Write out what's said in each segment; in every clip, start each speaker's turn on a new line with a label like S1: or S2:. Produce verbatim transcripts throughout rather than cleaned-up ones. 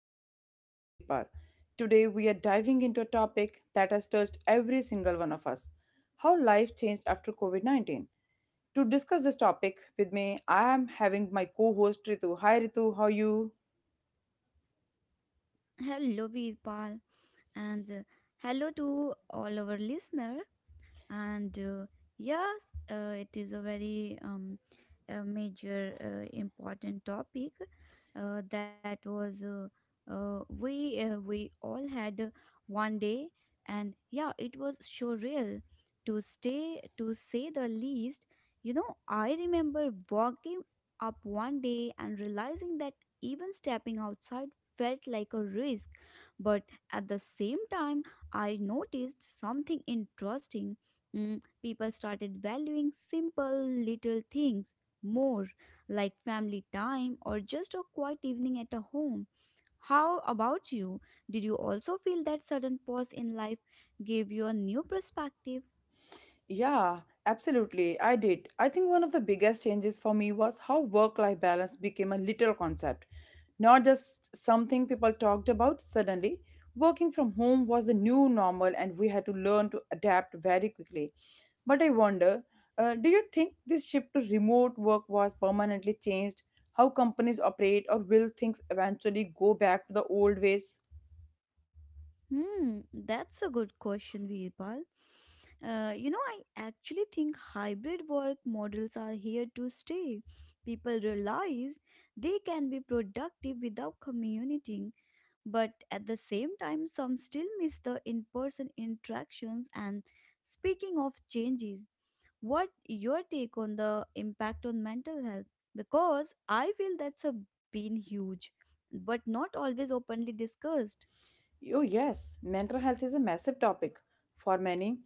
S1: Live Talks with Veerpal. Today, we are diving into a topic that has touched every single one of us: how life changed after COVID nineteen. To discuss this topic with me, I am having my co host Ritu. Hi, Ritu, how are you?
S2: Hello, Veerpal, and uh, hello to all our listener and uh, yes uh, it is a very um, a major uh, important topic uh, that was uh, uh, we uh, we all had uh, one day. And yeah, it was surreal to stay to say the least. You know, I remember walking up one day and realizing that even stepping outside felt like a risk. But at the same time, I noticed something interesting. Mm, people started valuing simple little things more, like family time or just a quiet evening at a home. How about you? Did you also feel that sudden pause in life gave you a new perspective?
S1: Yeah, absolutely. I did. I think one of the biggest changes for me was how work life balance became a literal concept, not just something people talked about suddenly. Working from home was the new normal, and we had to learn to adapt very quickly. But I wonder, uh, do you think this shift to remote work was permanently changed? How companies operate, or will things eventually go back to the old ways?
S2: Hmm, that's a good question, Veerpal. Uh, you know, I actually think hybrid work models are here to stay. People realize they can be productive without commuting. But at the same time, some still miss the in person interactions. And speaking of changes, what your take on the impact on mental health? Because I feel that's a been huge, but not always openly discussed.
S1: Oh, yes, mental health is a massive topic. For many,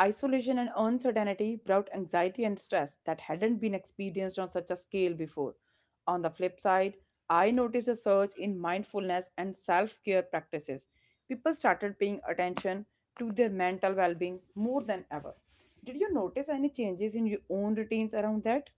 S1: isolation and uncertainty brought anxiety and stress that hadn't been experienced on such a scale before. On the flip side, I noticed a surge in mindfulness and self care practices. People started paying attention to their mental well being more than ever. Did you notice any changes in your own routines around that?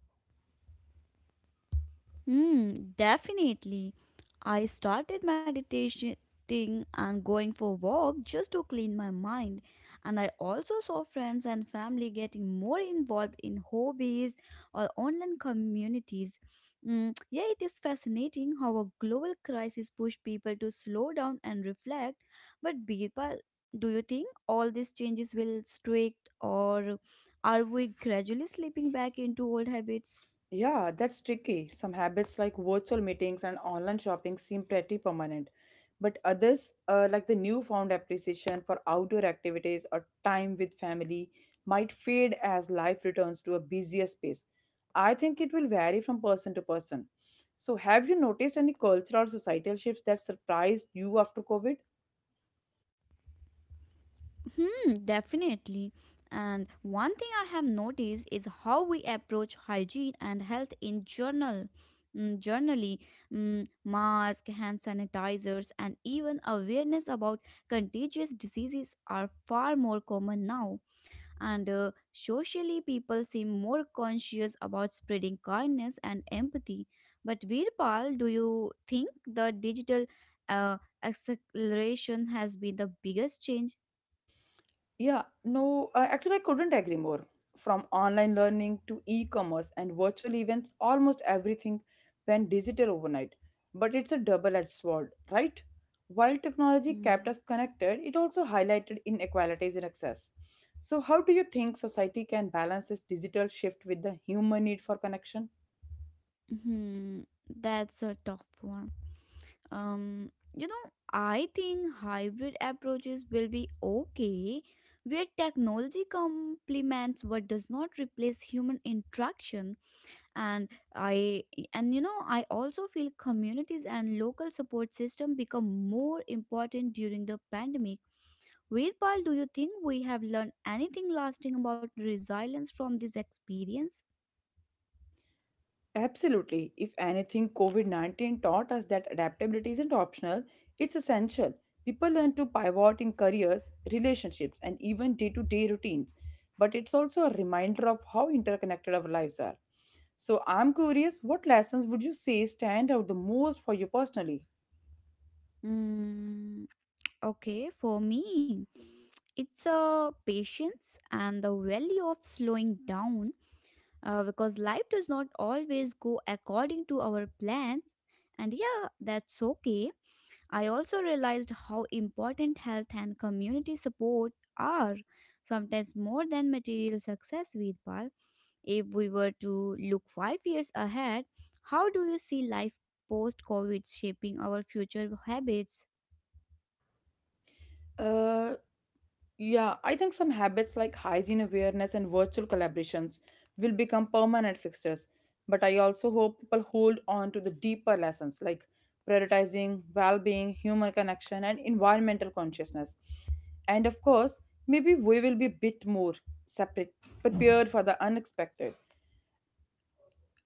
S2: Mm, definitely. I started meditating and going for a walk just to clean my mind. And I also saw friends and family getting more involved in hobbies or online communities. Mm, yeah, it is fascinating how a global crisis pushed people to slow down and reflect. But Birpal, do you think all these changes will strict or are we gradually slipping back into old habits?
S1: Yeah, that's tricky. Some habits like virtual meetings and online shopping seem pretty permanent, but others, uh, like the newfound appreciation for outdoor activities or time with family, might fade as life returns to a busier space. I think it will vary from person to person. So, have you noticed any cultural or societal shifts that surprised you after COVID?
S2: Hmm, definitely. And one thing I have noticed is how we approach hygiene and health in general. Mm, generally, mm, mask, hand sanitizers, and even awareness about contagious diseases are far more common now. And uh, socially, people seem more conscious about spreading kindness and empathy. But Virpal, do you think the digital uh, acceleration has been the biggest change?
S1: Yeah, no, uh, actually, I couldn't agree more. From online learning to e commerce and virtual events, almost everything went digital overnight. But it's a double edged sword, right? While technology
S2: Mm-hmm.
S1: kept us connected, it also highlighted inequalities in access. So, how do you think society can balance this digital shift with the human need for connection?
S2: Mm-hmm. That's a tough one. Um, you know, I think hybrid approaches will be okay, where technology complements what does not replace human interaction. And I and you know, I also feel communities and local support system become more important during the pandemic. Veerpal, do you think we have learned anything lasting about resilience from this experience?
S1: Absolutely. If anything, COVID nineteen taught us that adaptability isn't optional, it's essential. People learn to pivot in careers, relationships, and even day to day routines. But it's also a reminder of how interconnected our lives are. So, I'm curious, what lessons would you say stand out the most for you personally?
S2: Mm. Okay, for me, it's a patience and the value of slowing down uh, because life does not always go according to our plans. And yeah, that's okay. I also realized how important health and community support are, sometimes more than material success, Veedpal. If we were to look five years ahead, how do you see life post COVID shaping our future habits?
S1: Uh, Yeah, I think some habits like hygiene awareness and virtual collaborations will become permanent fixtures. But I also hope people hold on to the deeper lessons, like prioritizing well being, human connection, and environmental consciousness. And of course, maybe we will be a bit more separate, prepared for the unexpected.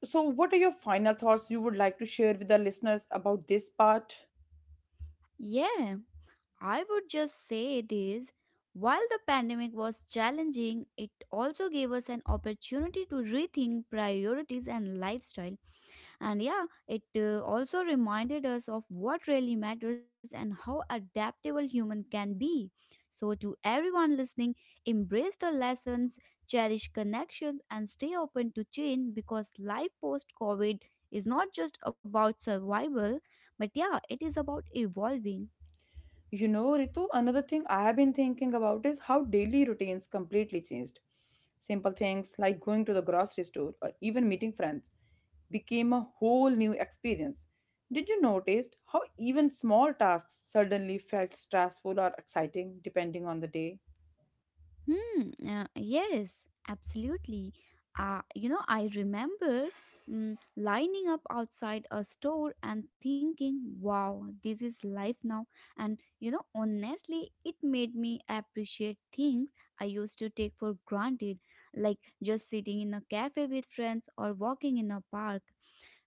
S1: So, what are your final thoughts you would like to share with the listeners about this part?
S2: Yeah, I would just say this: while the pandemic was challenging, it also gave us an opportunity to rethink priorities and lifestyle. And yeah, it uh, also reminded us of what really matters and how adaptable human can be. So, to everyone listening, embrace the lessons, cherish connections, and stay open to change, because life post COVID is not just about survival, but yeah, it is about evolving.
S1: You know, Ritu, another thing I have been thinking about is how daily routines completely changed. Simple things like going to the grocery store or even meeting friends became a whole new experience. Did you notice how even small tasks suddenly felt stressful or exciting depending on the day?
S2: Hmm, uh, yes, absolutely. Uh, you know, I remember mm, lining up outside a store and thinking, wow, this is life now. And, you know, honestly, it made me appreciate things I used to take for granted, like just sitting in a cafe with friends or walking in a park.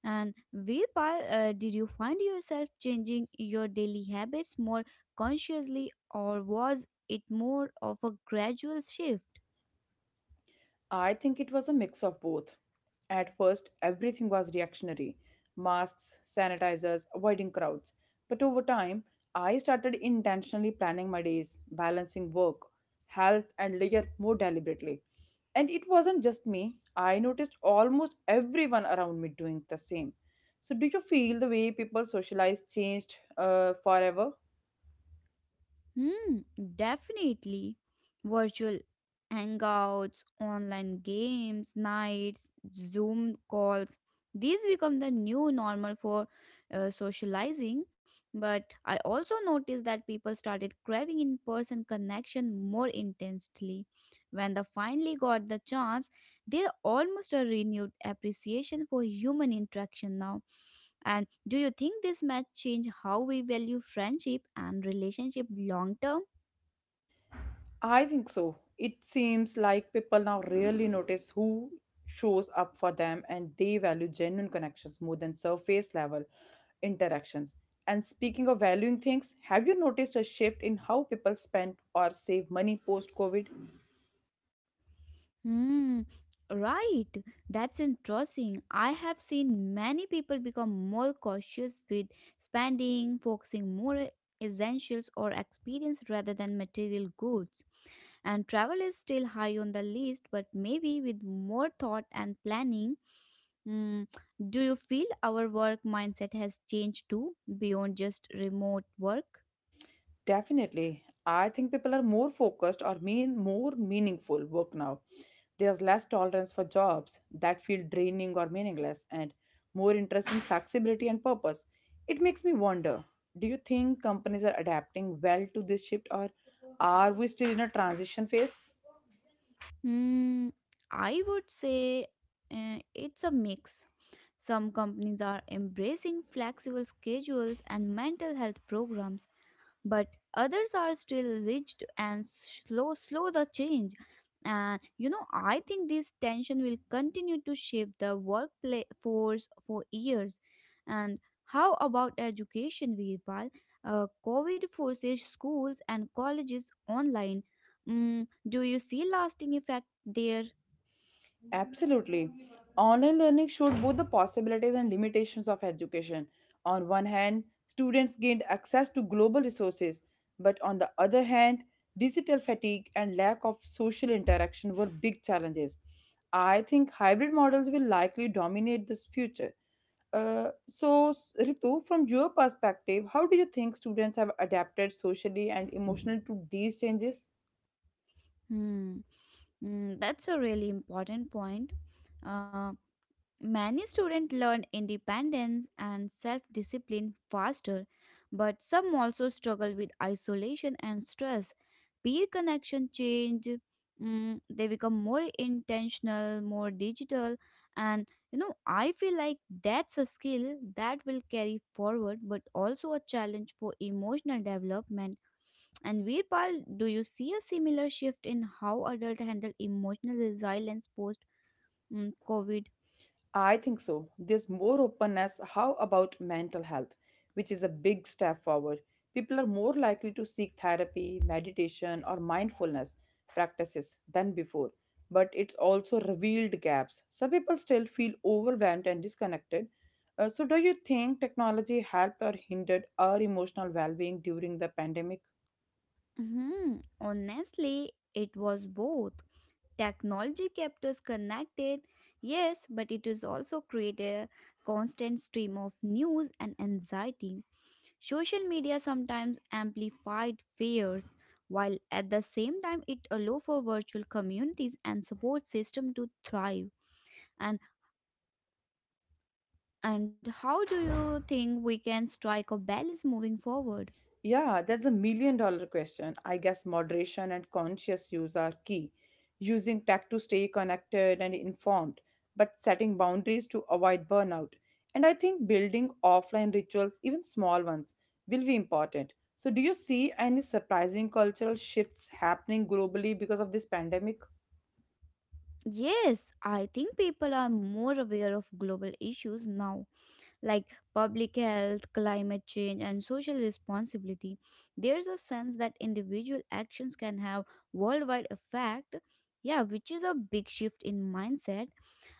S2: And whereby uh, did you find yourself changing your daily habits more consciously, or was it more of a gradual shift?
S1: I think it was a mix of both. At first, everything was reactionary: masks, sanitizers, avoiding crowds. But over time, I started intentionally planning my days, balancing work, health, and leisure more deliberately. And it wasn't just me, I noticed almost everyone around me doing the same. So, do you feel the way people socialize changed, uh, forever?
S2: Hmm, definitely. Virtual hangouts, online games, nights, Zoom calls. These become the new normal for uh, socializing. But I also noticed that people started craving in person connection more intensely. When they finally got the chance, they almost a renewed appreciation for human interaction now. And do you think this might change how we value friendship and relationship long term?
S1: I think so. It seems like people now really notice who shows up for them, and they value genuine connections more than surface level interactions. And speaking of valuing things, have you noticed a shift in how people spend or save money post COVID?
S2: Hmm. Right. That's interesting. I have seen many people become more cautious with spending, focusing more essentials or experience rather than material goods. And travel is still high on the list, but maybe with more thought and planning. Hmm. Do you feel our work mindset has changed too beyond just remote work?
S1: Definitely. I think people are more focused or mean more meaningful work now. There's less tolerance for jobs that feel draining or meaningless, and more interest in flexibility and purpose. It makes me wonder, do you think companies are adapting well to this shift, or are we still in a transition phase?
S2: Hmm. I would say uh, it's a mix. Some companies are embracing flexible schedules and mental health programs, but others are still rigid and slow slow the change. And you know, I think this tension will continue to shape the workforce for years. And how about education, Virpal? Uh, COVID forces schools and colleges online. Mm, do you see lasting effect there?
S1: Absolutely. Online learning showed both the possibilities and limitations of education. On one hand, students gained access to global resources, but on the other hand, digital fatigue and lack of social interaction were big challenges. I think hybrid models will likely dominate this future. Uh, so, s- Ritu, from your perspective, how do you think students have adapted socially and emotionally to these changes?
S2: Hmm. Mm, that's a really important point. Uh, Many students learn independence and self discipline faster, but some also struggle with isolation and stress. Peer connection change, mm, they become more intentional, more digital, and you know, I feel like that's a skill that will carry forward but also a challenge for emotional development. And Veerpal, do you see a similar shift in how adults handle emotional resilience post mm, COVID?
S1: I think so. There's more openness. How about mental health, which is a big step forward? People are more likely to seek therapy, meditation, or mindfulness practices than before. But it's also revealed gaps. Some people still feel overwhelmed and disconnected. Uh, so, do you think technology helped or hindered our emotional well being during the pandemic?
S2: Mhm. Honestly, it was both. Technology kept us connected, yes, but it it is also created a constant stream of news and anxiety. Social media sometimes amplified fears, while at the same time it allowed for virtual communities and support system to thrive. And and how do you think we can strike a balance moving forward?
S1: Yeah, that's a million dollar question. I guess moderation and conscious use are key. Using tech to stay connected and informed, but setting boundaries to avoid burnout. And I think building offline rituals, even small ones, will be important. So, do you see any surprising cultural shifts happening globally because of this pandemic?
S2: Yes, I think people are more aware of global issues now, like public health, climate change, and social responsibility. There's a sense that individual actions can have worldwide effect. Yeah, which is a big shift in mindset.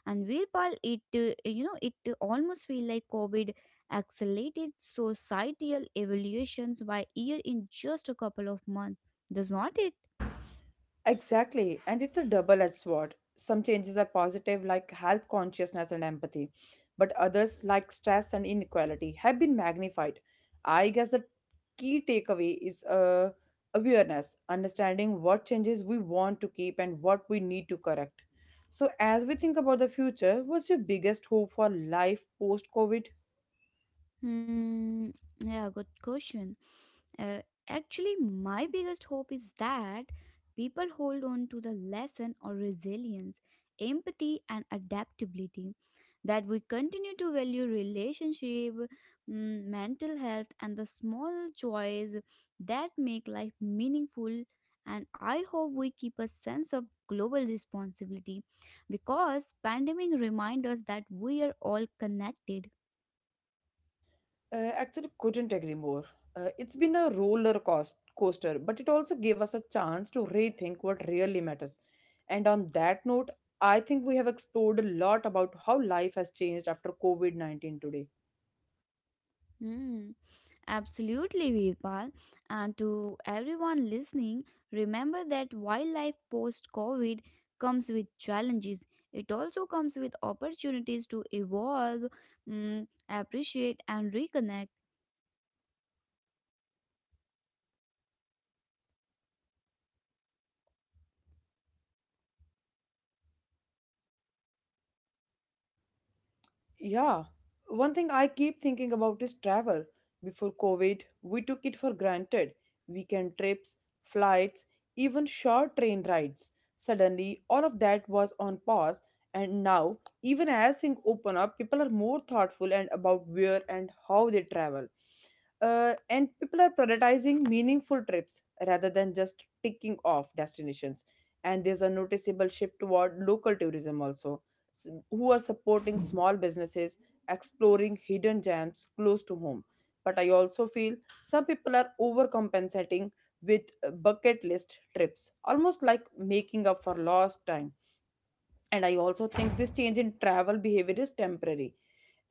S2: And Virpal, it uh, you know, it almost feel like COVID accelerated societal evolutions by year in just a couple of months, does not it?
S1: Exactly, and it's a double edged sword. Some changes are positive, like health consciousness and empathy, but others, like stress and inequality, have been magnified. I guess the key takeaway is uh, awareness, understanding what changes we want to keep and what we need to correct. So, as we think about the future, what's your biggest hope for life post COVID?
S2: Hmm. Yeah, good question. Uh, Actually, my biggest hope is that people hold on to the lesson or resilience, empathy, and adaptability. That we continue to value relationship, mm, mental health, and the small joys that make life meaningful. And I hope we keep a sense of global responsibility because pandemic reminds us that we are all connected.
S1: Uh, actually, couldn't agree more. Uh, it's been a roller coast- coaster, but it also gave us a chance to rethink what really matters. And on that note, I think we have explored a lot about how life has changed after COVID nineteen today.
S2: Hmm. Absolutely, Virpal. And to everyone listening, remember that wildlife post COVID comes with challenges. It also comes with opportunities to evolve, mm, appreciate, and reconnect.
S1: Yeah. One thing I keep thinking about is travel. Before COVID, we took it for granted. Weekend trips, flights, even short train rides. Suddenly, all of that was on pause, and now, even as things open up, people are more thoughtful and about where and how they travel. Uh, and people are prioritizing meaningful trips rather than just ticking off destinations. And there's a noticeable shift toward local tourism also, s- who are supporting small businesses, exploring hidden gems close to home. But I also feel some people are overcompensating with uh, bucket list trips, almost like making up for lost time. And I also think this change in travel behavior is temporary.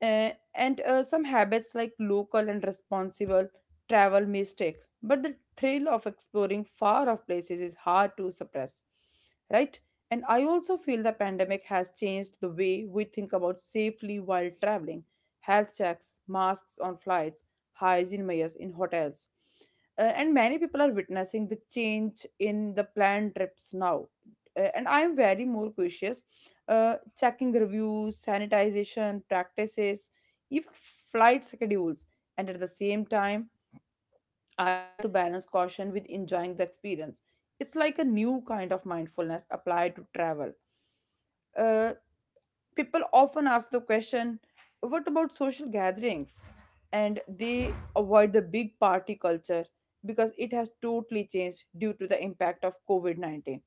S1: Uh, and uh, some habits like local and responsible travel may stick, but the thrill of exploring far off places is hard to suppress, right? And I also feel the pandemic has changed the way we think about safely while traveling: health checks, masks on flights, hygiene measures in hotels. Uh, and many people are witnessing the change in the planned trips now. Uh, and I am very more cautious, uh, checking reviews, sanitization practices, even flight schedules. And at the same time, I try to balance caution with enjoying the experience. It's like a new kind of mindfulness applied to travel. Uh, People often ask the question, what about social gatherings? And they avoid the big party culture because it has totally changed due to the impact of COVID nineteen.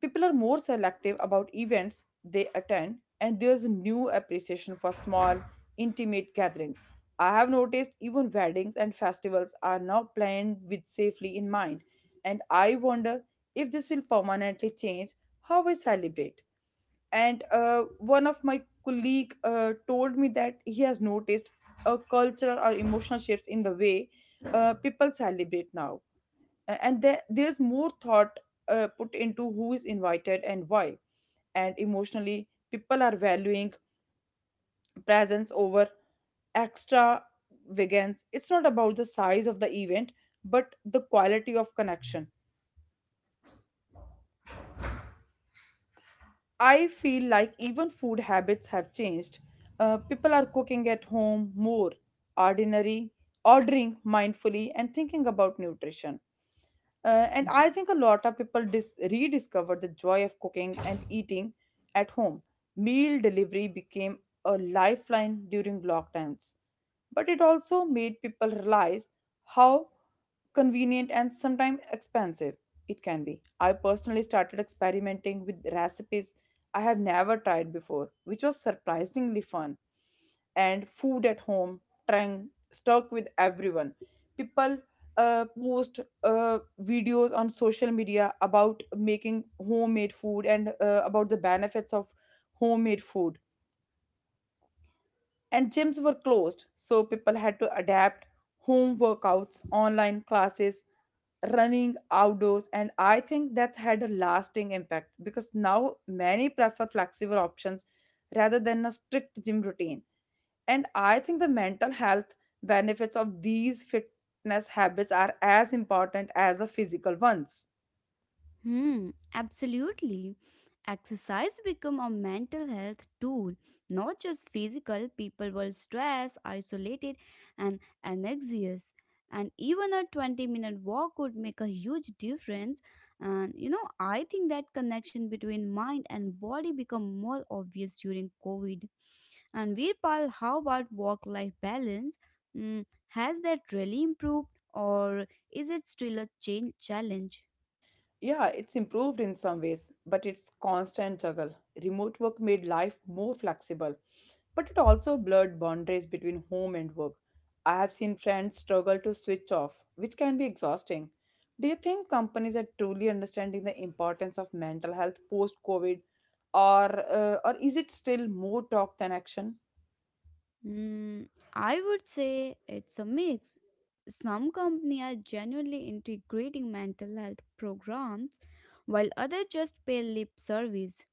S1: People are more selective about events they attend, and there's a new appreciation for small, intimate gatherings. I have noticed even weddings and festivals are now planned with safely in mind, and I wonder if this will permanently change how we celebrate. And uh, one of my colleague uh, told me that he has noticed a cultural or emotional shifts in the way uh, people celebrate now. A- and there, there's more thought uh, put into who is invited and why. And emotionally, people are valuing presence over extra vegans. It's not about the size of the event, but the quality of connection. I feel like even food habits have changed. Uh, people are cooking at home more, ordinary ordering mindfully and thinking about nutrition. Uh, and I think a lot of people dis- rediscovered the joy of cooking and eating at home. Meal delivery became a lifeline during lockdowns, but it also made people realize how convenient and sometimes expensive it can be. I personally started experimenting with recipes I have never tried before, which was surprisingly fun. And food at home trend stuck with everyone. People uh, post uh, videos on social media about making homemade food and uh, about the benefits of homemade food. And gyms were closed, so people had to adapt: home workouts, online classes, running outdoors. And I think that's had a lasting impact because now many prefer flexible options rather than a strict gym routine. And I think the mental health benefits of these fitness habits are as important as the physical ones.
S2: Hmm, absolutely. Exercise become a mental health tool, not just physical. People were stressed, isolated, and anxious. And even a twenty minute walk would make a huge difference. And you know, I think that connection between mind and body become more obvious during COVID. And Virpal, how about work life balance? Mm, has that really improved or is it still a change challenge?
S1: Yeah, it's improved in some ways, but it's constant juggle. Remote work made life more flexible, but it also blurred boundaries between home and work. I have seen friends struggle to switch off, which can be exhausting. Do you think companies are truly understanding the importance of mental health post-COVID, or uh, or is it still more talk than action?
S2: Mm, I would say it's a mix. Some companies are genuinely integrating mental health programs, while others just pay lip service.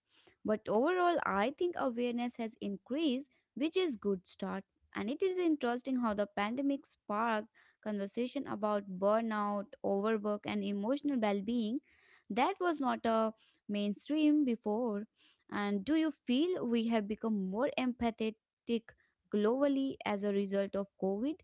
S2: But overall, I think awareness has increased, which is good start. And it is interesting how the pandemic sparked conversation about burnout, overwork, and emotional well-being that was not a mainstream before. And do you feel we have become more empathetic globally as a result of COVID?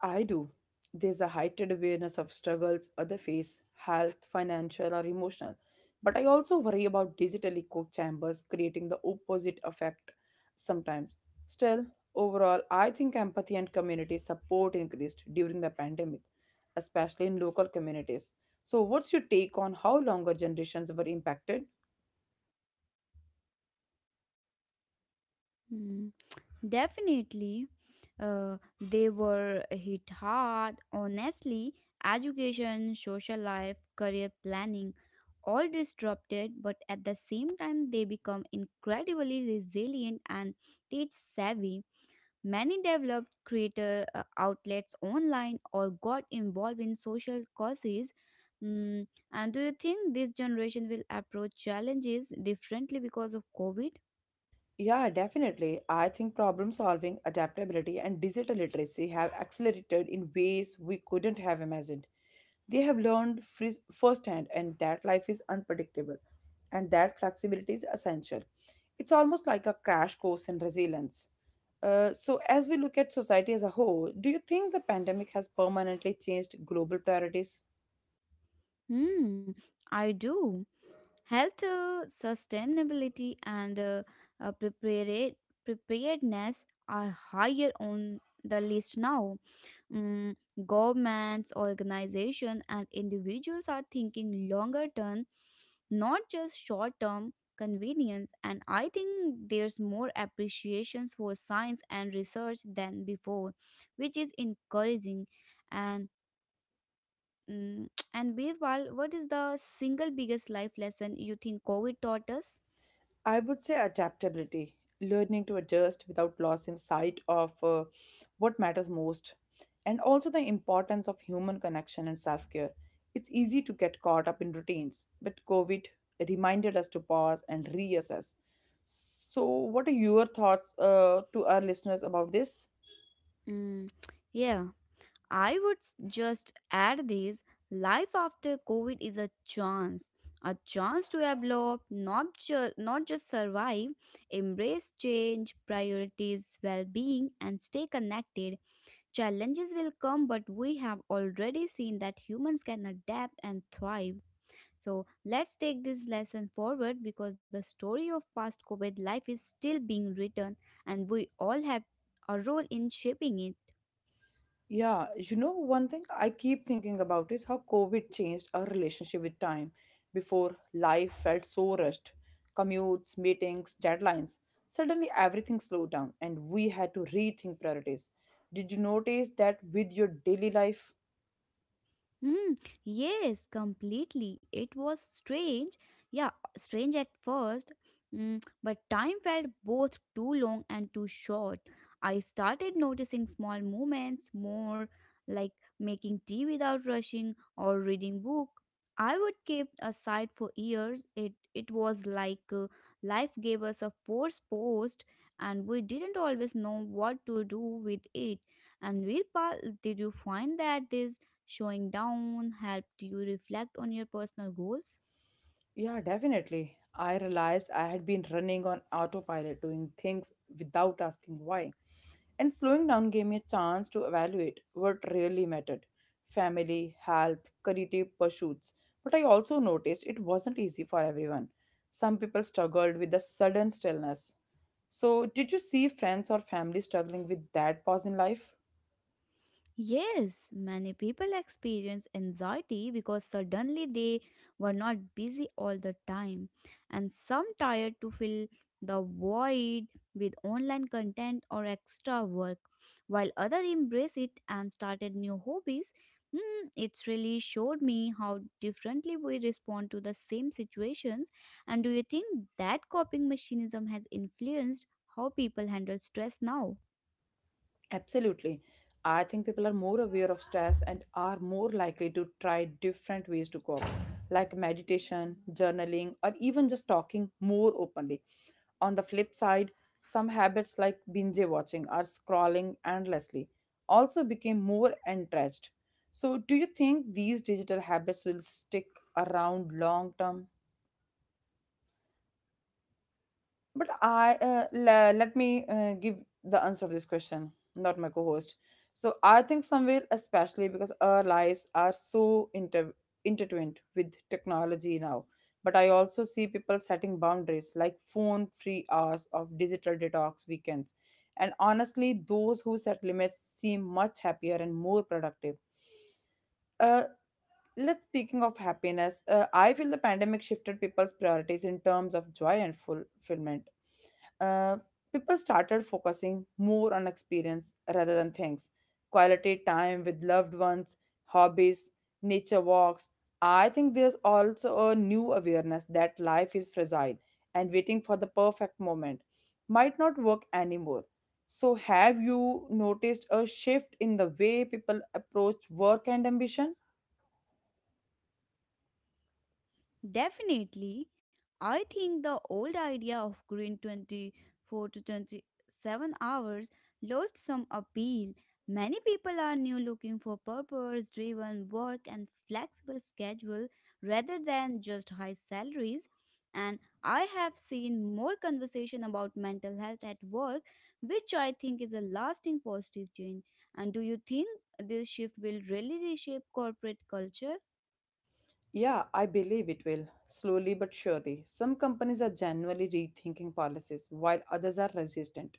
S1: I do. There's a heightened awareness of struggles other face, health, financial, or emotional. But I also worry about digitally echo chambers creating the opposite effect sometimes. Still, overall, I think empathy and community support increased during the pandemic, especially in local communities. So, what's your take on how longer generations were impacted?
S2: Hmm. Definitely, uh, they were hit hard. Honestly, education, social life, career planning, all disrupted, but at the same time, they become incredibly resilient and tech savvy. Many developed creator uh, outlets online or got involved in social causes. Mm, and do you think this generation will approach challenges differently because of COVID?
S1: Yeah, definitely. I think problem solving, adaptability, and digital literacy have accelerated in ways we couldn't have imagined. They have learned fris- firsthand and that life is unpredictable and that flexibility is essential. It's almost like a crash course in resilience. Uh, so, as we look at society as a whole, do you think the pandemic has permanently changed global priorities?
S2: Hmm, I do. Health, uh, sustainability, and uh, uh, prepare- preparedness are higher on the list now. Mm, Governments, organizations, and individuals are thinking longer term, not just short term convenience. And I think there's more appreciations for science and research than before, which is encouraging. And Mm, And Birwal, what is the single biggest life lesson you think COVID taught us?
S1: I would say adaptability, learning to adjust without losing sight of uh, what matters most, and also the importance of human connection and self care. It's easy to get caught up in routines, but COVID reminded us to pause and reassess. So, what are your thoughts uh, to our listeners about this?
S2: Mm, yeah, I would s- just add this: life after COVID is a chance. A chance to evolve, not just not just survive, embrace change, priorities, well-being, and stay connected. Challenges will come, but we have already seen that humans can adapt and thrive. So let's take this lesson forward, because the story of past COVID life is still being written and we all have a role in shaping it.
S1: Yeah, you know, one thing I keep thinking about is how COVID changed our relationship with time. Before, life felt so rushed commutes, meetings, deadlines. Suddenly, everything slowed down and we had to rethink priorities. Did you notice that with your daily life?
S2: Hmm, yes, completely. It was strange. Yeah, strange at first. Mm, but time felt both too long and too short. I started noticing small movements more, like making tea without rushing or reading book I would keep aside for years. It it was like uh, life gave us a forced post, and we didn't always know what to do with it. And Virpal, did you find that this showing down helped you reflect on your personal goals?
S1: Yeah, definitely. I realized I had been running on autopilot, doing things without asking why. And slowing down gave me a chance to evaluate what really mattered family, health, creative pursuits. But I also noticed it wasn't easy for everyone. Some people struggled with the sudden stillness. So, did you see friends or family struggling with that pause in life?
S2: Yes, many people experience anxiety because suddenly they were not busy all the time, and some tired to fill the void with online content or extra work, while others embrace it and started new hobbies. Hmm, it's really showed me how differently we respond to the same situations. And do you think that coping mechanism has influenced how people handle stress now?
S1: Absolutely. I think people are more aware of stress and are more likely to try different ways to cope, like meditation, journaling, or even just talking more openly. On the flip side, some habits like binge watching or scrolling endlessly also became more entrenched. So, do you think these digital habits will stick around long term? But I uh, le- let me uh, give the answer of this question, not my co-host. So I think somewhere, especially because our lives are so inter intertwined with technology now. But I also see people setting boundaries like phone-free hours of digital detox weekends. And honestly, those who set limits seem much happier and more productive. Uh, Let's speaking of happiness, uh, I feel the pandemic shifted people's priorities in terms of joy and fulfillment. Uh, People started focusing more on experience rather than things. Quality time with loved ones, hobbies, nature walks. I think there's also a new awareness that life is fragile and waiting for the perfect moment might not work anymore. So, have you noticed a shift in the way people approach work and ambition?
S2: Definitely, I think the old idea of green twenty-four to twenty-seven hours lost some appeal. Many people are now looking for purpose driven work and flexible schedule rather than just high salaries. And I have seen more conversation about mental health at work, which I think is a lasting positive change. And do you think this shift will really reshape corporate culture?
S1: Yeah, I believe it will, slowly but surely. Some companies are genuinely rethinking policies, while others are resistant.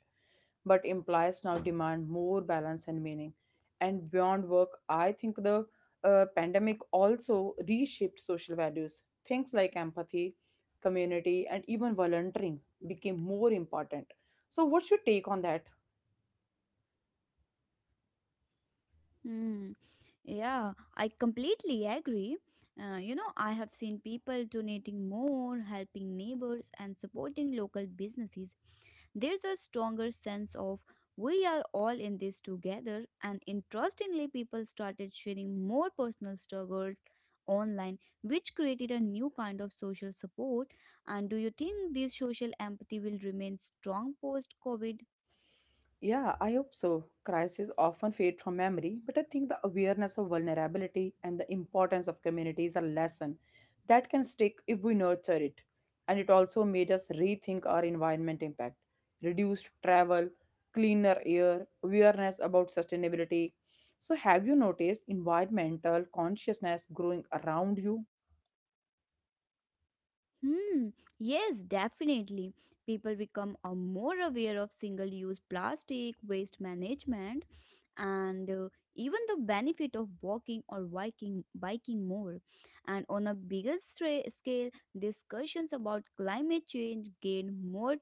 S1: But implies now demand more balance and meaning. And beyond work, I think the uh, pandemic also reshaped social values. Things like empathy, community, and even volunteering became more important. So, what's your take on that?
S2: Mm, yeah, I completely agree. Uh, you know, I have seen people donating more, helping neighbors, and supporting local businesses. There's a stronger sense of we are all in this together, and interestingly, people started sharing more personal struggles online, which created a new kind of social support. And do you think this social empathy will remain strong post COVID?
S1: Yeah, I hope so. Crises often fade from memory, but I think the awareness of vulnerability and the importance of community is a lesson that can stick if we nurture it. And it also made us rethink our environment impact. Reduced travel, cleaner air, awareness about sustainability. So, have you noticed environmental consciousness growing around you?
S2: Hmm, yes, definitely. People become uh, more aware of single use plastic, waste management, and uh, even the benefit of walking or biking, biking more. And on a bigger stra- scale, discussions about climate change gain more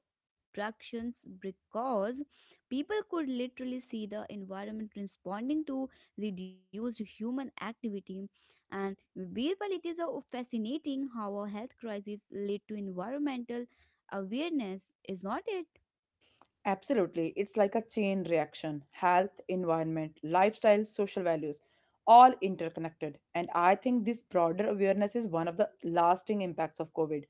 S2: tractions because people could literally see the environment responding to reduced human activity and Birbal, it is a fascinating how a health crisis lead to environmental awareness, is not it?
S1: Absolutely. It's like a chain reaction health, environment, lifestyle, social values, all interconnected. And I think this broader awareness is one of the lasting impacts of COVID,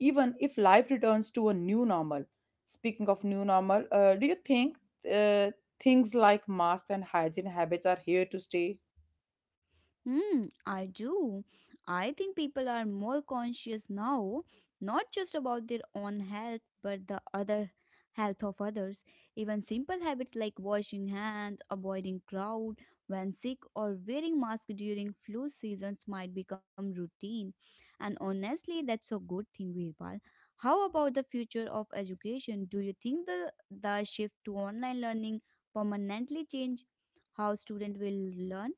S1: even if life returns to a new normal. Speaking of new normal, uh, do you think uh, things like masks and hygiene habits are here to stay?
S2: Hmm, I do. I think people are more conscious now, not just about their own health, but the other health of others. Even simple habits like washing hands, avoiding crowd when sick, or wearing mask during flu seasons might become routine. And honestly, that's a good thing, Virpal. How about the future of education? Do you think the, the shift to online learning permanently change how students will learn?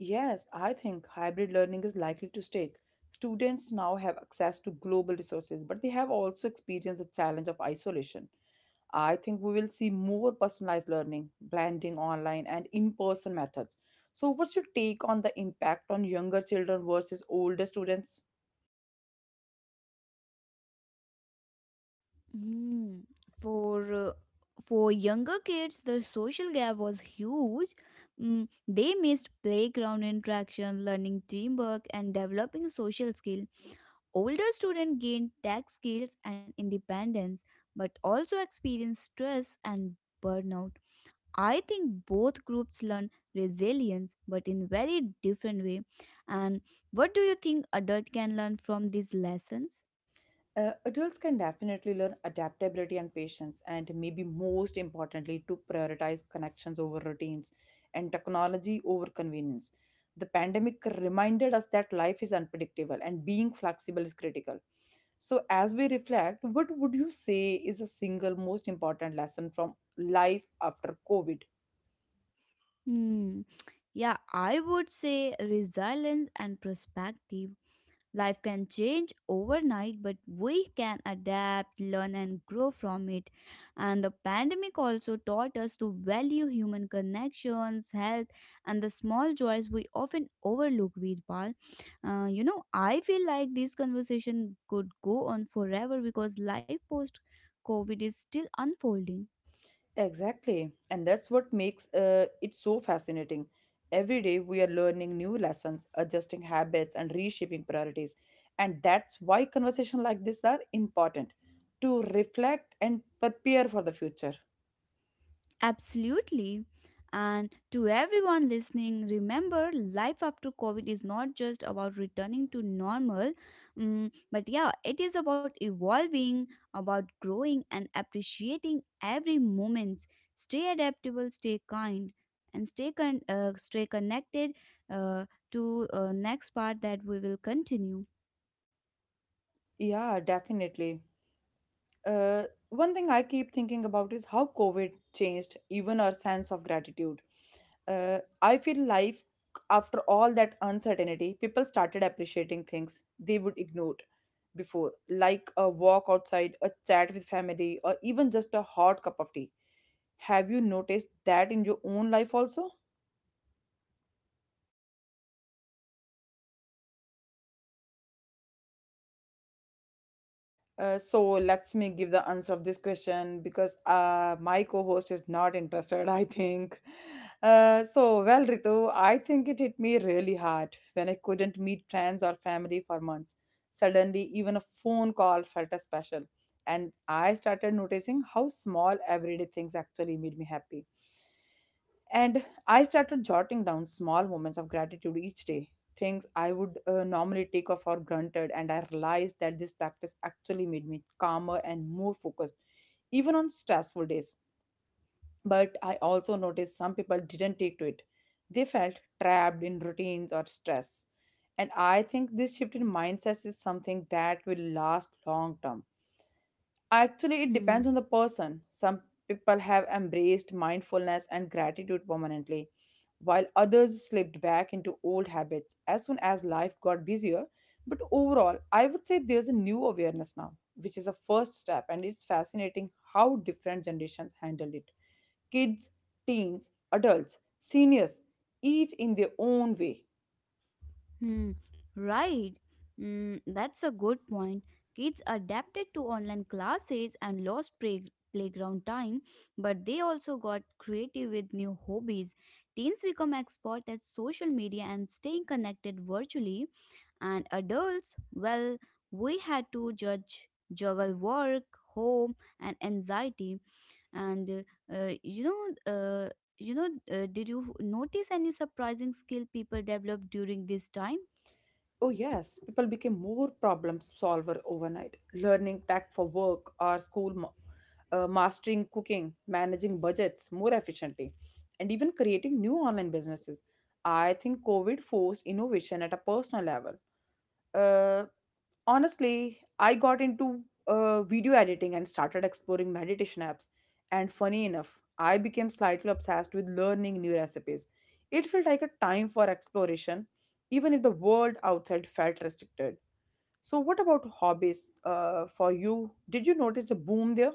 S1: Yes, I think hybrid learning is likely to stay. Students now have access to global resources, but they have also experienced the challenge of isolation. I think we will see more personalized learning, blending online and in person methods. So, what's your take on the impact on younger children versus older students?
S2: Mm, for uh, for younger kids, the social gap was huge. Mm, they missed playground interaction, learning teamwork, and developing social skill. Older students gained tech skills and independence, but also experienced stress and burnout. I think both groups learn resilience, but in very different way. And what do you think adult can learn from these lessons?
S1: Uh, adults can definitely learn adaptability and patience, and maybe most importantly, to prioritize connections over routines and technology over convenience. The pandemic reminded us that life is unpredictable and being flexible is critical. So, as we reflect, what would you say is the single most important lesson from life after COVID?
S2: Hmm. Yeah, I would say resilience and perspective. Life can change overnight, but we can adapt, learn, and grow from it. And the pandemic also taught us to value human connections, health, and the small joys we often overlook, Veerpal. Uh, you know, I feel like this conversation could go on forever because life post COVID is still unfolding.
S1: Exactly. And that's what makes uh, it so fascinating. Every day we are learning new lessons, adjusting habits, and reshaping priorities. And that's why conversations like this are important to reflect and prepare for the future.
S2: Absolutely. And to everyone listening, remember life after COVID is not just about returning to normal, mm, but yeah, it is about evolving, about growing, and appreciating every moment. Stay adaptable, stay kind, and stay, con- uh, stay connected uh, to uh, next part that we will continue.
S1: Yeah, definitely. Uh, One thing I keep thinking about is how COVID changed even our sense of gratitude. uh, I feel life after all that uncertainty people started appreciating things they would ignore before like a walk outside a chat with family or even just a hot cup of tea have you noticed that in your own life also. Uh, so let's me give the answer of this question because uh, my co-host is not interested I think uh, so well Ritu I think it hit me really hard when I couldn't meet friends or family for months suddenly even a phone call felt a special and I started noticing how small everyday things actually made me happy and I started jotting down small moments of gratitude each day, things I would uh, normally take off for granted. And I realized that this practice actually made me calmer and more focused, even on stressful days. But I also noticed some people didn't take to it, they felt trapped in routines or stress. And I think this shift in mindset is something that will last long term. Actually, it depends
S2: Hmm.
S1: on the person. Some people have embraced mindfulness and gratitude permanently, while others slipped back into old habits as soon as life got busier. But overall, I would say there's a new awareness now, which is a first step, and it's fascinating how different generations handle it. Kids, teens, adults, seniors, each in their own way.
S2: Hmm, right. Mm, that's a good point. Kids adapted to online classes and lost play- playground time, but they also got creative with new hobbies. Teens become expert at social media and staying connected virtually, and adults, well, we had to judge, juggle work, home, and anxiety. And uh, you know, uh, you know, uh, did you notice any surprising skill people developed during this time?
S1: Oh, yes, people became more problem solver overnight, learning tech for work or school, ma- uh, mastering cooking, managing budgets more efficiently, and even creating new online businesses. I think COVID forced innovation at a personal level. Uh, Honestly, I got into uh, video editing and started exploring meditation apps. And funny enough, I became slightly obsessed with learning new recipes. It felt like a time for exploration, even if the world outside felt restricted. So, what about hobbies uh, for you? Did you notice the boom there?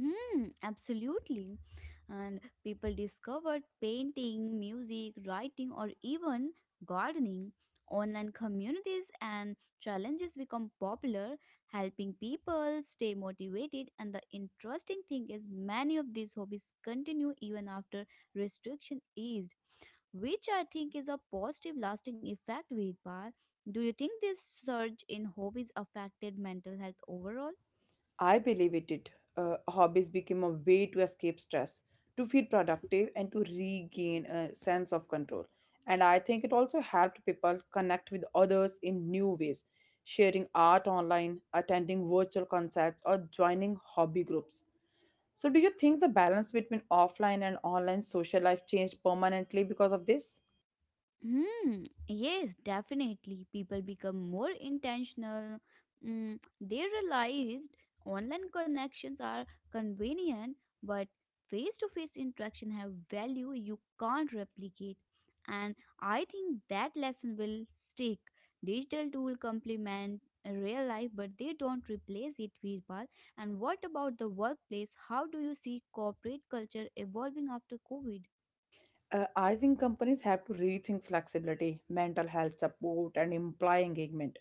S2: Hmm. Absolutely. And people discovered painting, music, writing, or even gardening. Online communities and challenges become popular, helping people stay motivated. And the interesting thing is, many of these hobbies continue even after restriction eased, which I think is a positive lasting effect, Vidpal. Do you think this surge in hobbies affected mental health overall?
S1: I believe it did. Uh, hobbies became a way to escape stress, to feel productive, and to regain a sense of control. And I think it also helped people connect with others in new ways, sharing art online, attending virtual concerts, or joining hobby groups. So, do you think the balance between offline and online social life changed permanently because of this?
S2: Hmm. Yes, definitely. People become more intentional. Mm, they realized online connections are convenient, but face-to-face interaction have value you can't replicate. And I think that lesson will stick. Digital tool complement real life, but they don't replace it, Virpal. And what about the workplace? How do you see corporate culture evolving after COVID?
S1: Uh, I think companies have to rethink flexibility, mental health support, and employee engagement.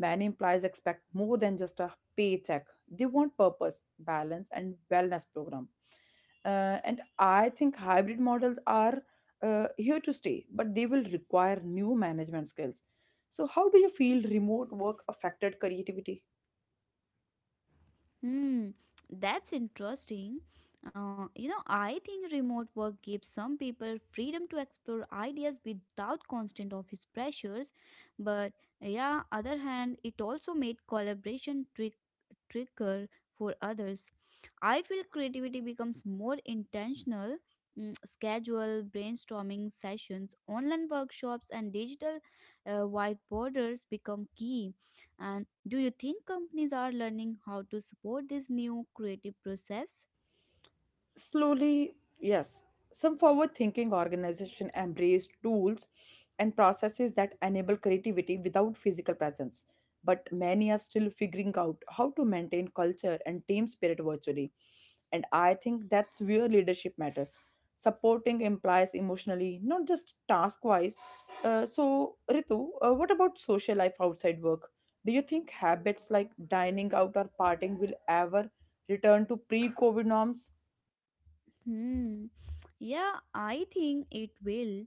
S1: Many employees expect more than just a paycheck. They want purpose, balance, and wellness program. Uh, and I think hybrid models are uh, here to stay, but they will require new management skills. So, how do you feel remote work affected creativity?
S2: Hmm, that's interesting. Uh, you know, I think remote work gives some people freedom to explore ideas without constant office pressures, but yeah, other hand, it also made collaboration trick trickier for others. I feel creativity becomes more intentional. Mm, schedule brainstorming sessions, online workshops, and digital uh, whiteboarders become key. And do you think companies are learning how to support this new creative process?
S1: Slowly, yes, some forward thinking organization embraced tools and processes that enable creativity without physical presence. But many are still figuring out how to maintain culture and team spirit virtually. And I think that's where leadership matters. Supporting implies emotionally, not just task wise. Uh, so, Ritu, uh, what about social life outside work? Do you think habits like dining out or partying will ever return to pre COVID norms?
S2: Hmm. Yeah, I think it will,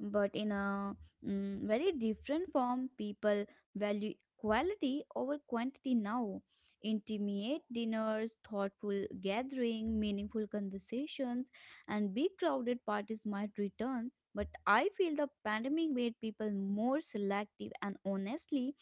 S2: but in a mm, very different form. People value quality over quantity now. Intimate dinners, thoughtful gathering, meaningful conversations, and big crowded parties might return. But I feel the pandemic made people more selective and honestly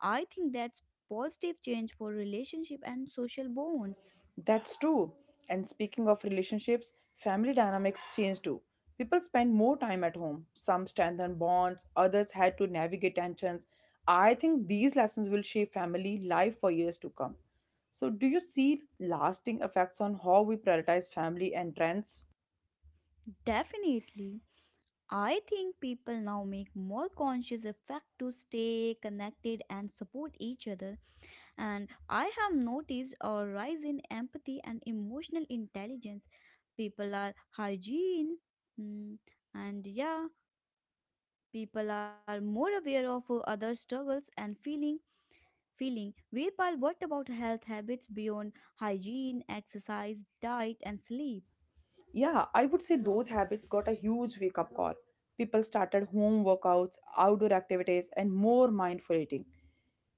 S2: I think that's positive change for relationship and social bonds.
S1: That's true. And speaking of relationships, family dynamics change too. People spend more time at home. Some strengthen bonds, others had to navigate tensions. I think these lessons will shape family life for years to come. So, do you see lasting effects on how we prioritize family and trends?
S2: Definitely. I think people now make more conscious effort to stay connected and support each other and I have noticed a rise in empathy and emotional intelligence. People are hygiene mm, and yeah, people are more aware of uh, other struggles and feeling feeling. Veerpal, what about health habits beyond hygiene, exercise, diet, and sleep?
S1: Yeah, I would say those habits got a huge wake up call. People started home workouts, outdoor activities, and more mindful eating.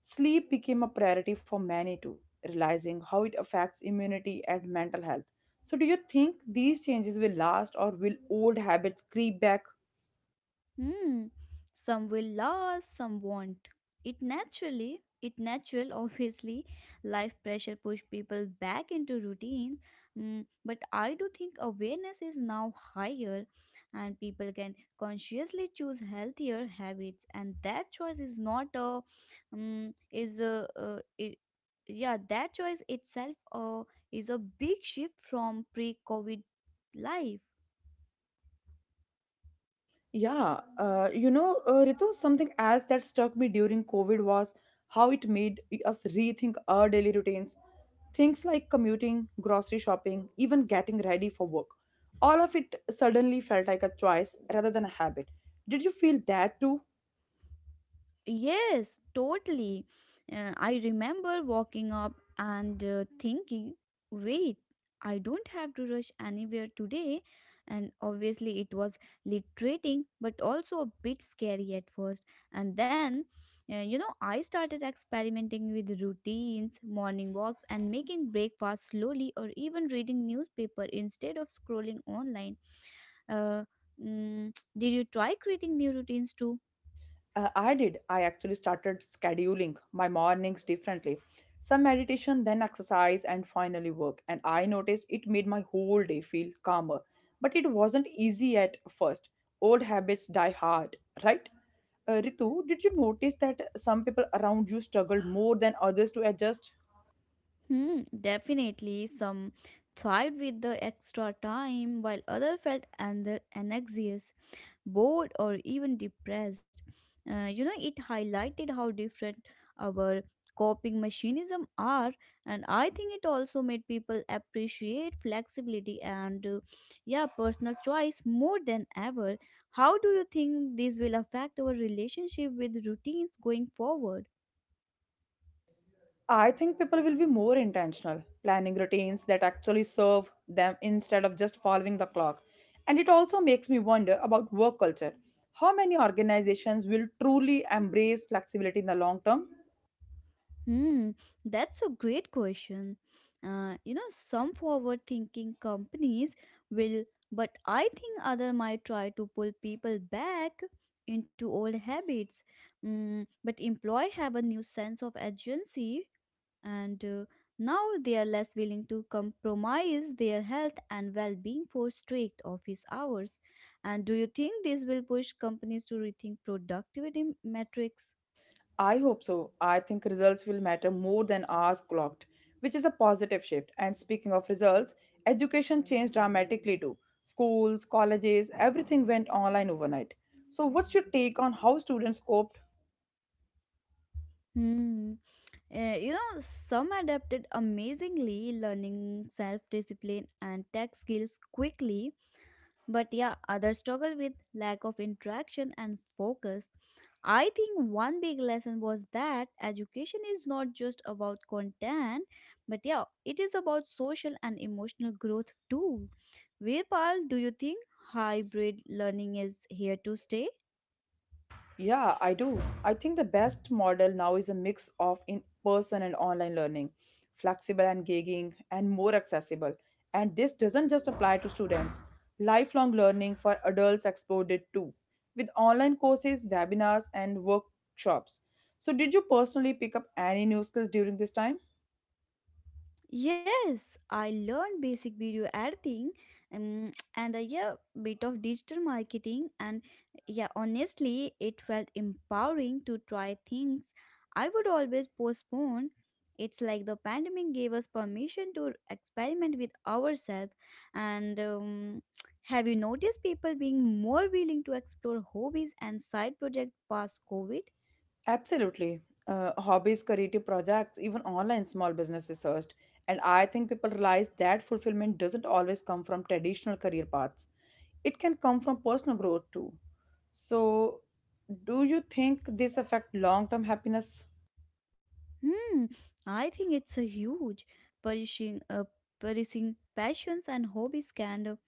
S1: Sleep became a priority for many too, realizing how it affects immunity and mental health. So, do you think these changes will last or will old habits creep back?
S2: Hmm. Some will last, some won't. It naturally, it natural, obviously, life pressure push people back into routines. Mm, but I do think awareness is now higher, and people can consciously choose healthier habits, and that choice is not a, um, is a, uh, it, yeah, that choice itself uh, is a big shift from pre-COVID life.
S1: Yeah, uh, you know, uh, Ritu, something else that struck me during COVID was how it made us rethink our daily routines. Things like commuting, grocery shopping, even getting ready for work. All of it suddenly felt like a choice rather than a habit. Did you feel that too?
S2: Yes, totally. Uh, I remember walking up and uh, thinking, wait, I don't have to rush anywhere today. And obviously, it was liberating, but also a bit scary at first. And then, uh, you know, I started experimenting with routines, morning walks, and making breakfast slowly, or even reading newspaper instead of scrolling online. Uh, mm, did you try creating new routines too?
S1: Uh, I did. I actually started scheduling my mornings differently. Some meditation, then exercise, and finally work. And I noticed it made my whole day feel calmer. But it wasn't easy at first. Old habits die hard, right? Uh, Ritu, did you notice that some people around you struggled more than others to adjust?
S2: Hmm, definitely. Some thrived with the extra time, while others felt an- anxious, bored, or even depressed. Uh, you know, it highlighted how different our coping mechanisms are, and I think it also made people appreciate flexibility and, uh, yeah, personal choice more than ever. How do you think this will affect our relationship with routines going forward?
S1: I think people will be more intentional, planning routines that actually serve them instead of just following the clock. And it also makes me wonder about work culture. How many organizations will truly embrace flexibility in the long term?
S2: Hmm, that's a great question. Uh, you know, some forward thinking companies will, but I think other might try to pull people back into old habits. Mm, but employee have a new sense of agency and uh, now they are less willing to compromise their health and well-being for strict office hours. And do you think this will push companies to rethink productivity metrics?
S1: I hope so. I think results will matter more than hours clocked, which is a positive shift. And speaking of results, education changed dramatically too. Schools, colleges, everything went online overnight. So, what's your take on how students coped?
S2: Hmm. Uh, you know, some adapted amazingly, learning self discipline and tech skills quickly, but yeah, others struggle with lack of interaction and focus. I think one big lesson was that education is not just about content, but yeah, it is about social and emotional growth too. Virpal, do you think hybrid learning is here to stay?
S1: Yeah, I do. I think the best model now is a mix of in person and online learning, flexible and gigging, and more accessible. And this doesn't just apply to students, lifelong learning for adults exploded too, with online courses, webinars, and workshops. So, did you personally pick up any new skills during this time?
S2: Yes, I learned basic video editing um, and a yeah, bit of digital marketing and yeah honestly it felt empowering to try things I would always postpone. It's like the pandemic gave us permission to experiment with ourselves and um, have you noticed people being more willing to explore hobbies and side projects past COVID?
S1: Absolutely. Uh, hobbies, creative projects, even online small businesses first. And I think people realize that fulfillment doesn't always come from traditional career paths. It can come from personal growth too. So, do you think this affect long-term happiness?
S2: Hmm, I think it's a huge perishing, uh, perishing passions and hobbies can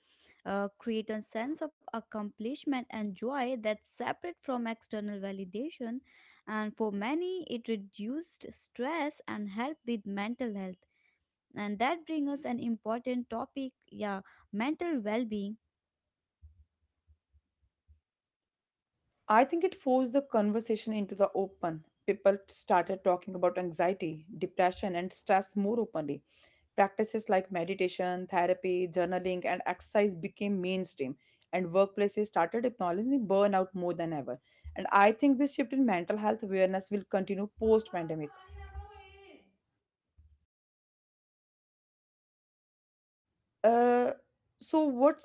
S2: uh, create a sense of accomplishment and joy that's separate from external validation. And for many, it reduced stress and helped with mental health. And that brings us an important topic, yeah, mental well-being.
S1: I think it forced the conversation into the open. People started talking about anxiety, depression, and stress more openly. Practices like meditation, therapy, journaling, and exercise became mainstream, and workplaces started acknowledging burnout more than ever. And I think this shift in mental health awareness will continue post pandemic. Uh, so, what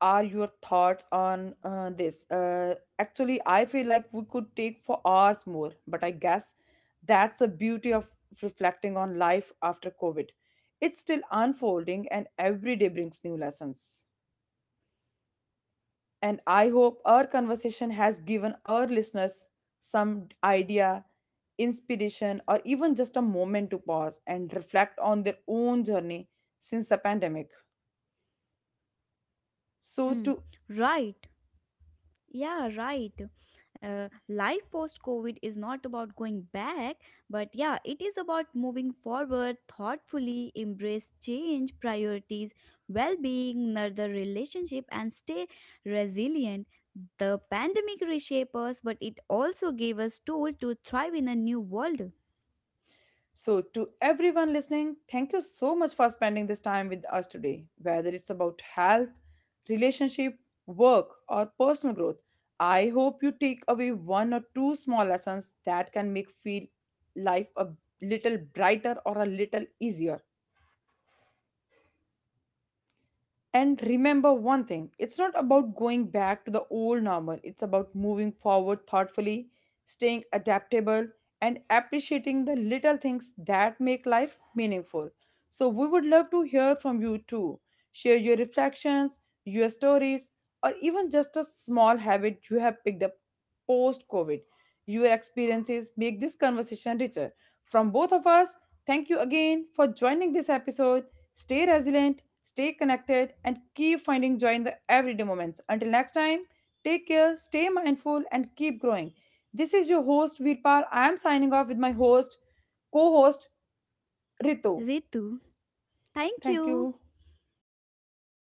S1: are your thoughts on uh, this? Uh, actually, I feel like we could take for hours more, but I guess that's the beauty of reflecting on life after COVID. It's still unfolding, and every day brings new lessons. And I hope our conversation has given our listeners some idea, inspiration, or even just a moment to pause and reflect on their own journey since the pandemic. So
S2: Hmm,
S1: to
S2: right. Yeah, right. Uh, life post COVID is not about going back, but yeah, it is about moving forward thoughtfully, embrace change, priorities, well being, nurture relationship, and stay resilient. The pandemic reshaped us, but it also gave us tool to thrive in a new world.
S1: so to everyone listening, thank you so much for spending this time with us today. Whether it's about health, relationship, work, or personal growth, I hope you take away one or two small lessons that can make feel life a little brighter or a little easier. And remember one thing it's not about going back to the old normal, it's about moving forward thoughtfully, staying adaptable, and appreciating the little things that make life meaningful. So, we would love to hear from you too. Share your reflections, your stories, or even just a small habit you have picked up post COVID. Your experiences make this conversation richer. From both of us, thank you again for joining this episode. Stay resilient, stay connected, and keep finding joy in the everyday moments. Until next time, take care, stay mindful, and keep growing. This is your host, Virpal. I am signing off with my host, co host, Ritu.
S2: Ritu, thank
S1: Thank
S2: you.
S1: you.